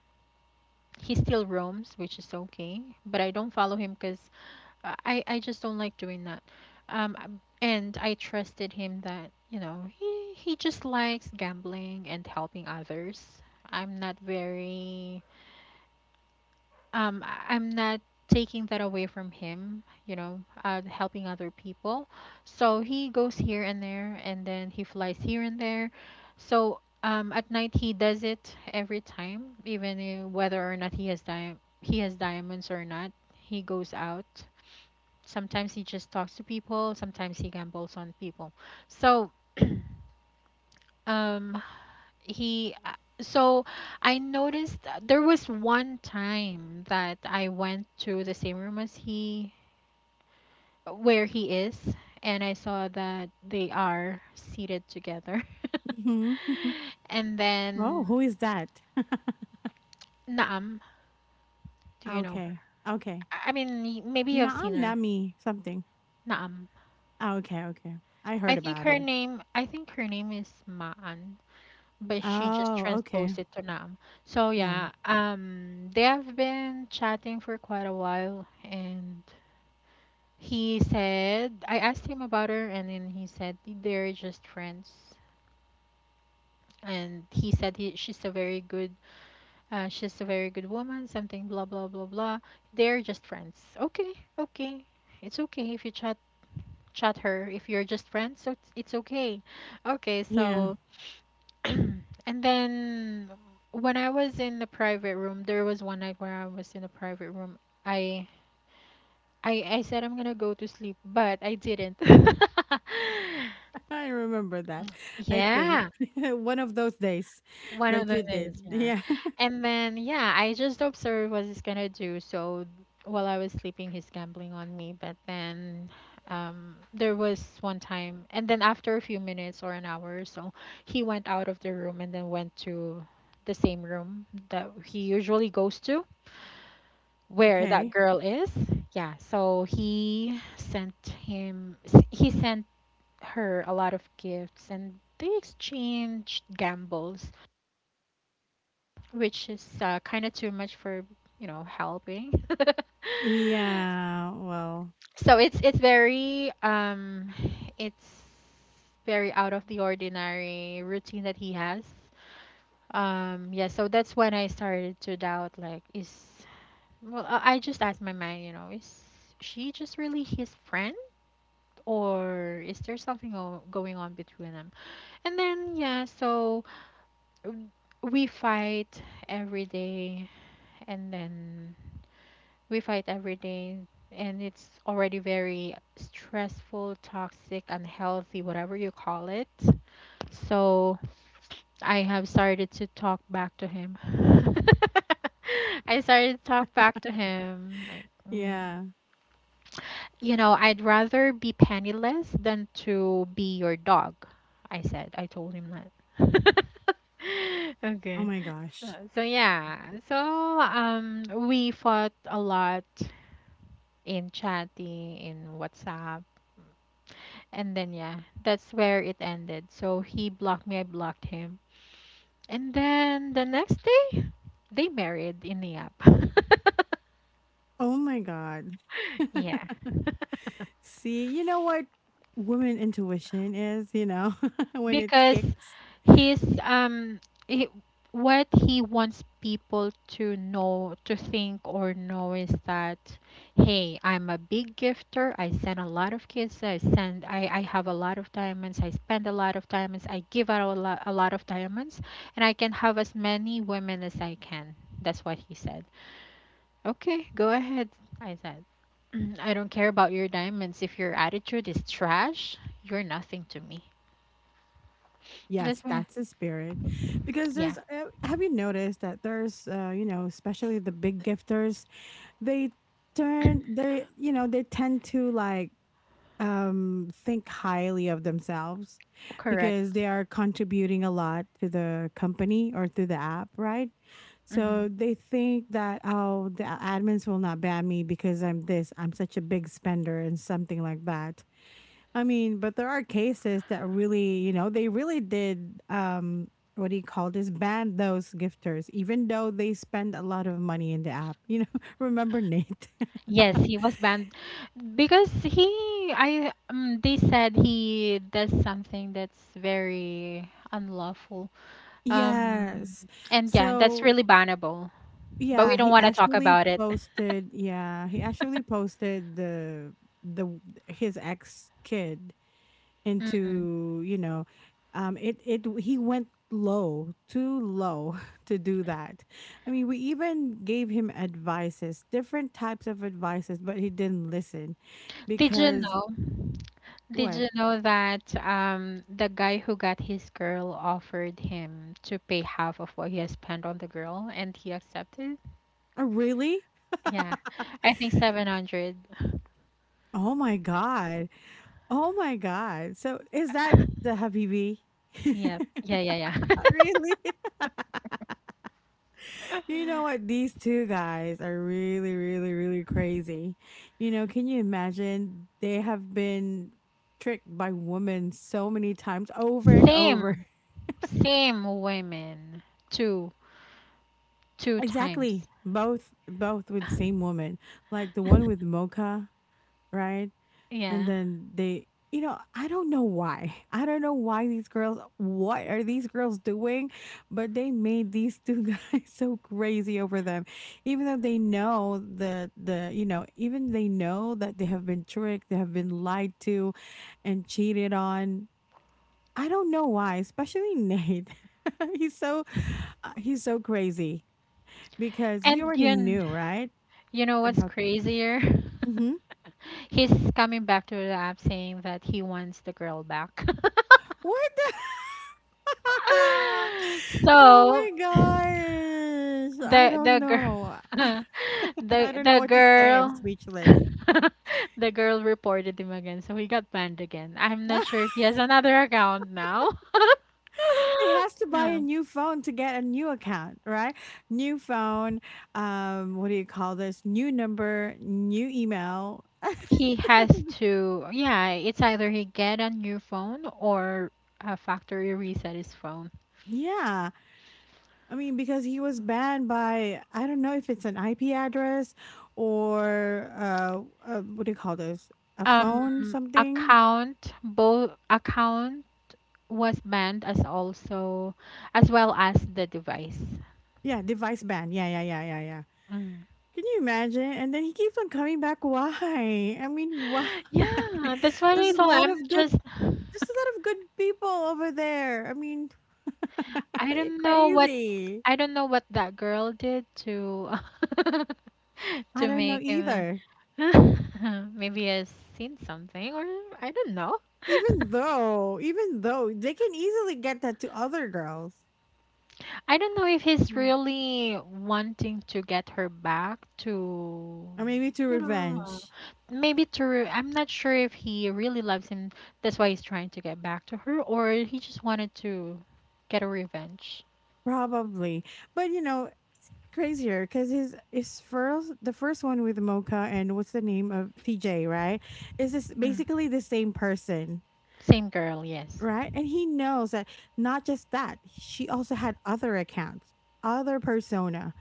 S2: he still roams, which is okay. But I don't follow him because, I just don't like doing that. And I trusted him that, you know, he just likes gambling and helping others. I'm not very I'm not taking that away from him, you know, helping other people. So he goes here and there, and then he flies here and there. So at night he does it every time, even whether or not he has diamonds or not. He goes out. Sometimes he just talks to people, sometimes he gambles on people. So, um, he, uh, so I noticed that there was one time that I went to the same room as he, where he is, and I saw that they are seated together.
S1: Mhm, mhm.
S2: And
S1: Oh, hmm. Oh,
S2: then
S1: who is that?
S2: Naam, do you know her?
S1: Okay, okay.
S2: Maybe you have
S1: Na
S2: seen her.
S1: Nami something.
S2: Naam.
S1: Oh, okay, okay. I
S2: I
S1: heard
S2: think
S1: about
S2: her
S1: her.
S2: name, I think her name is Maan, but she just
S1: Oh, okay.
S2: transposed it to Nam. So
S1: Yeah,
S2: yeah, they have been chatting for quite a while, and he said I asked him about her, and then he said they're just friends. And he said she's a very good, she's a very good woman. Something blah blah blah blah. They're just friends. Okay, okay, it's okay if you chat her if you're just friends. So it's okay. Okay,
S1: yeah.
S2: so and then when I was in the private room, there was one night where I was in the private room. I I said I'm gonna go to sleep, but I didn't.
S1: I remember that, I think.
S2: Yeah,
S1: One of those days
S2: one of
S1: that
S2: the
S1: you did.
S2: days, yeah.
S1: Yeah.
S2: And then, yeah, I just observed what he's gonna do. So while I was sleeping, he's gambling on me. But then, there was one time, and then after a few minutes or an hour or so, he went out of the room and then went to the same room that he usually goes to, where that
S1: Okay.
S2: girl is. Yeah, so he sent her a lot of gifts, and they exchanged gambles, which is, kind of too much for, you know, helping.
S1: Yeah, well,
S2: So it's very out of the ordinary routine that he has. Yeah, so that's when I started to doubt. Like, is, I just asked my mind, you know, is she just really his friend, or is there something going on between them? And then, yeah, so w- we fight every day, and then we fight every day, and it's already very stressful, toxic, unhealthy, whatever you call it. So I have started to talk back to him. I started to talk back to him. Like, mm,
S1: yeah.
S2: you know, I'd rather be penniless than to be your dog. I said, I told him that.
S1: Oh
S2: Okay.
S1: my
S2: So,
S1: gosh.
S2: so yeah. So we fought a lot, in chatting, in WhatsApp. And then, yeah, that's where it ended. So he blocked me, I blocked him. And then the next day, they married in the app.
S1: Oh my god.
S2: Yeah.
S1: See, you know what woman intuition is, you know, when it
S2: Because
S1: kicks.
S2: he's um he, what he wants people to know to think or know is that, "Hey, I'm a big gifter. I send a lot of kids. I have a lot of diamonds. I spend a lot of diamonds. I give out a lot of diamonds, and I can have as many women as I can." That's what he said. Okay, go ahead. I said, I don't care about your diamonds. If your attitude is trash, you're nothing to me.
S1: Yes,
S2: That's what
S1: that's the spirit. Because
S2: yeah,
S1: there's have you noticed that there's you know, especially the big gifters, they they you know, they tend to like think highly of themselves because
S2: correct.
S1: they are contributing a lot to the company or to the app, right? So
S2: Hmm.
S1: they think that, oh, the admins will not ban me because I'm this, I'm such a big spender and something like that. I mean, but there are cases that really, you know, they really did what do you call this, ban those gifters even though they spend a lot of money in the app. You know, remember Nate?
S2: Yes, he was banned because he, they said he does something that's very unlawful. Um,
S1: Yes.
S2: and yeah, that's
S1: So
S2: really bannable, but we
S1: yeah,
S2: don't
S1: he
S2: want to talk
S1: actually
S2: about it.
S1: posted. Yeah, he actually posted the his ex kid
S2: Mm.
S1: into, you know, it, it he went low, too low to do that. I mean, we even gave him advices, different types of advices, but he didn't listen
S2: Did you
S1: because
S2: know? Did
S1: what?
S2: you know that, the guy who got his girl offered him to pay half of what he has spent on the girl, and he accepted?
S1: Oh, really?
S2: Yeah, I think 700.
S1: Oh my god, oh my god, so is that the habibi?
S2: Yep. Yeah, yeah,
S1: Really.
S2: yeah.
S1: You know what? These two guys are really, really, really crazy. You know, can you imagine? They have been tricked by women so many times over and over.
S2: Same, same women. Two, two times.
S1: Exactly. Both, both with same woman. Like the one with Mocha, right? And
S2: Yeah.
S1: then they, you know, I don't know why. I don't know why these girls, what are these girls doing? But they made these two guys so crazy over them. Even though they know the, you know, even they know that they have been tricked, they have been lied to and cheated on. I don't know why, especially Nate. He's so, he's so crazy because he
S2: And
S1: already knew, right?
S2: you know what's
S1: About,
S2: crazier?
S1: mhm.
S2: He's coming back to the app saying that he wants the girl back.
S1: What the? Oh
S2: So
S1: my gosh. I don't
S2: the girl,
S1: know. I don't know
S2: the
S1: what to say. I'm
S2: girl
S1: speechless.
S2: the girl reported him again, so he got banned again. I'm not sure if he has another account now.
S1: He has to buy a
S2: Yeah,
S1: new phone to get a new account, right? New phone, what do you call this? New number, new email.
S2: he has to. Yeah, it's either he get a new phone or a factory reset his phone.
S1: Yeah. I mean, because he was banned by, I don't know if it's an IP address or what do you call this? A
S2: um
S1: phone, something?
S2: Account, both account was banned, as also as well as the device.
S1: Yeah, device ban. Yeah, yeah, yeah, yeah, yeah.
S2: Mm.
S1: Can you imagine? And then he keeps on coming back. Why? I mean, why?
S2: Yeah, that's what
S1: There's
S2: I
S1: a
S2: thought.
S1: lot
S2: I'm
S1: of good,
S2: just
S1: there's a lot of good people over there. I mean,
S2: I
S1: are you
S2: don't know what
S1: crazy?
S2: I don't know what that girl did to
S1: I
S2: to
S1: don't know
S2: make him,
S1: either.
S2: uh, maybe has seen something, or I don't know.
S1: Even though they can easily get that to other girls.
S2: I don't know if he's
S1: Mm.
S2: really wanting to get her back to
S1: Or maybe to
S2: you know
S1: revenge.
S2: maybe to I'm not sure if he really loves him. That's why he's trying to get back to her, or he just wanted to get a revenge.
S1: Probably. But you know, crazier because his first, the first one with Mocha and what's the name of TJ, right? Is this
S2: Mm.
S1: basically the same person?
S2: Same girl, yes.
S1: Right? And he knows that, not just that, she also had other accounts, other persona,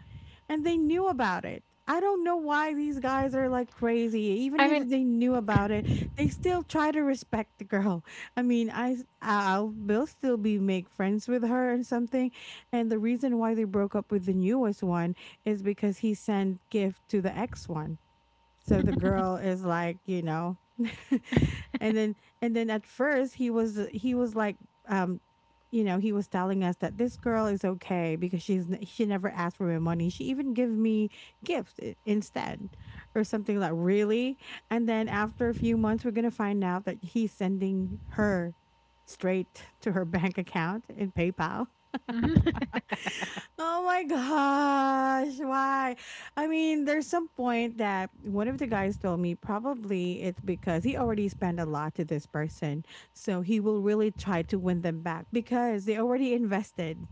S1: and they knew about it. I don't know why these guys are like crazy. Even
S2: I mean,
S1: if they knew about it, they still try to respect the girl. I mean, I'll will still be make friends with her and something. And the reason why they broke up with the newest one is because he sent gift to the ex one. So the girl is like, you know, and then, and then at first he was like, um, you know, he was telling us that this girl is okay because she never asked for my money. She even gave me gifts instead, or something like, really. And then after a few months, we're gonna find out that he's sending her straight to her bank account in PayPal. Oh my gosh, why? I mean, there's some point that one of the guys told me probably it's because he already spent a lot to this person. So he will really try to win them back because they already invested.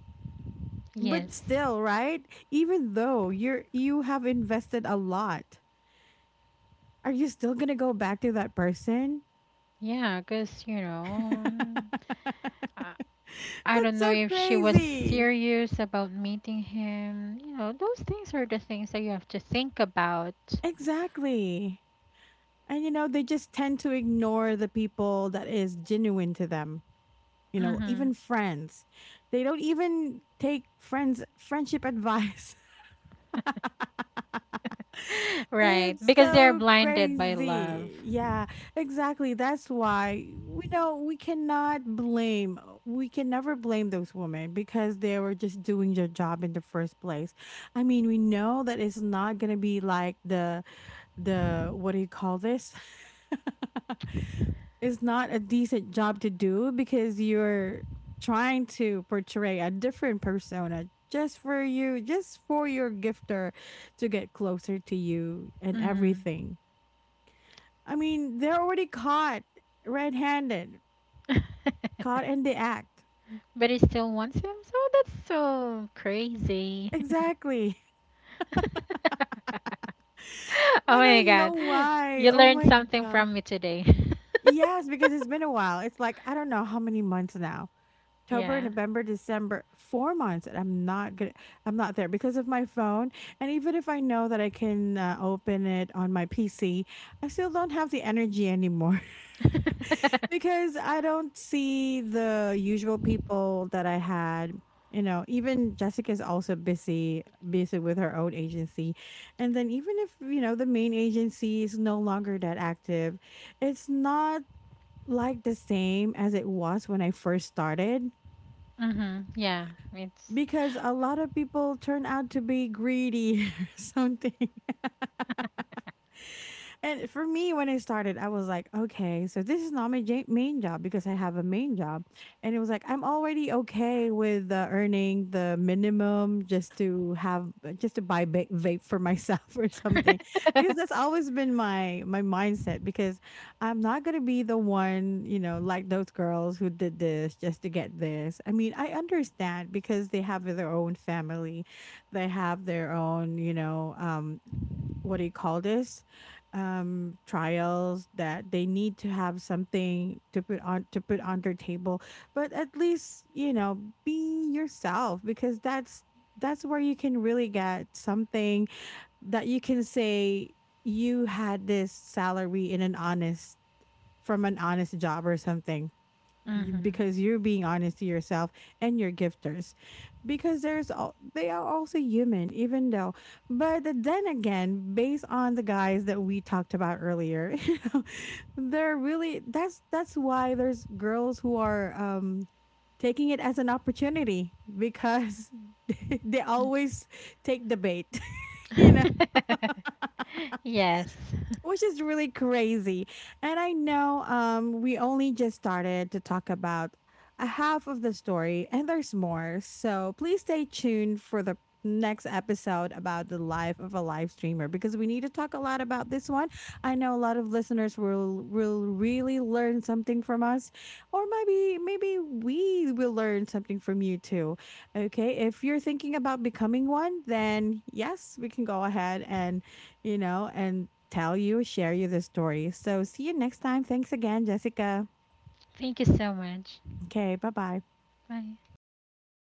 S1: But
S2: yes.
S1: still, right? Even though you're, you have invested a lot, are you still going to go back to that person?
S2: Yeah, because, you know, I, I don't
S1: That's
S2: know
S1: so
S2: if she was
S1: crazy.
S2: serious about meeting him. You know, those things are the things that you have to think about.
S1: Exactly. And you know, they just tend to ignore the people that is genuine to them. You know,
S2: Mm-hmm.
S1: even friends. They don't even take friends friendship advice.
S2: Right,
S1: It's
S2: because they're
S1: so
S2: blinded by love.
S1: crazy. Yeah, exactly. That's why we know we cannot blame, we can never blame those women because they were just doing their job in the first place. I mean, we know that it's not going to be like what do you call this? Is not a decent job to do because you're trying to portray a different persona just for you, just for your gifter to get closer to you and
S2: Mm-hmm.
S1: everything. I mean, they're already caught red handed, caught in the act.
S2: But he still wants him, so that's so crazy.
S1: Exactly.
S2: Oh
S1: I
S2: my
S1: don't know
S2: God.
S1: why.
S2: You
S1: Oh
S2: learned
S1: my
S2: something
S1: God.
S2: from me today.
S1: Yes, because it's been a while. It's like, I don't know how many months now. October,
S2: Yeah.
S1: November, December, 4 months, and I'm not there because of my phone. And even if I know that I can open it on my PC, I still don't have the energy anymore because I don't see the usual people that I had. You know, even Jessica's also busy, busy with her own agency. And then even if, you know, the main agency is no longer that active, it's not like the same as it was when I first started
S2: Mm-hmm. Yeah. It's.
S1: because a lot of people turn out to be greedy or something. And for me, when I started, I was like, okay, so this is not my main job because I have a main job. And it was like, I'm already okay with earning the minimum just to have, just to buy vape for myself or something. Because that's always been my, my mindset, because I'm not going to be the one, you know, like those girls who did this just to get this. I mean, I understand because they have their own family, they have their own, you know, what do you call this, trials that they need to have something to put on, to put on their table. But at least, you know, be yourself because that's where you can really get something that you can say you had this salary in an honest, from an honest job or something,
S2: Mm-hmm.
S1: because you're being honest to yourself and your gifters, because there's all, they are also human even though. But then again, based on the guys that we talked about earlier, you know, they're really, that's why there's girls who are taking it as an opportunity because they always take the bait, you know,
S2: Yes.
S1: which is really crazy. And I know we only just started to talk about a half of the story and there's more. So please stay tuned for the next episode about the life of a live streamer because we need to talk a lot about this one. I know a lot of listeners will really learn something from us, or maybe, maybe we will learn something from you too. Okay? If you're thinking about becoming one, then yes, we can go ahead and, you know, and tell you, share you the story. So see you next time. Thanks again, Jessica.
S2: Thank you so much.
S1: Okay, bye bye.
S2: Bye.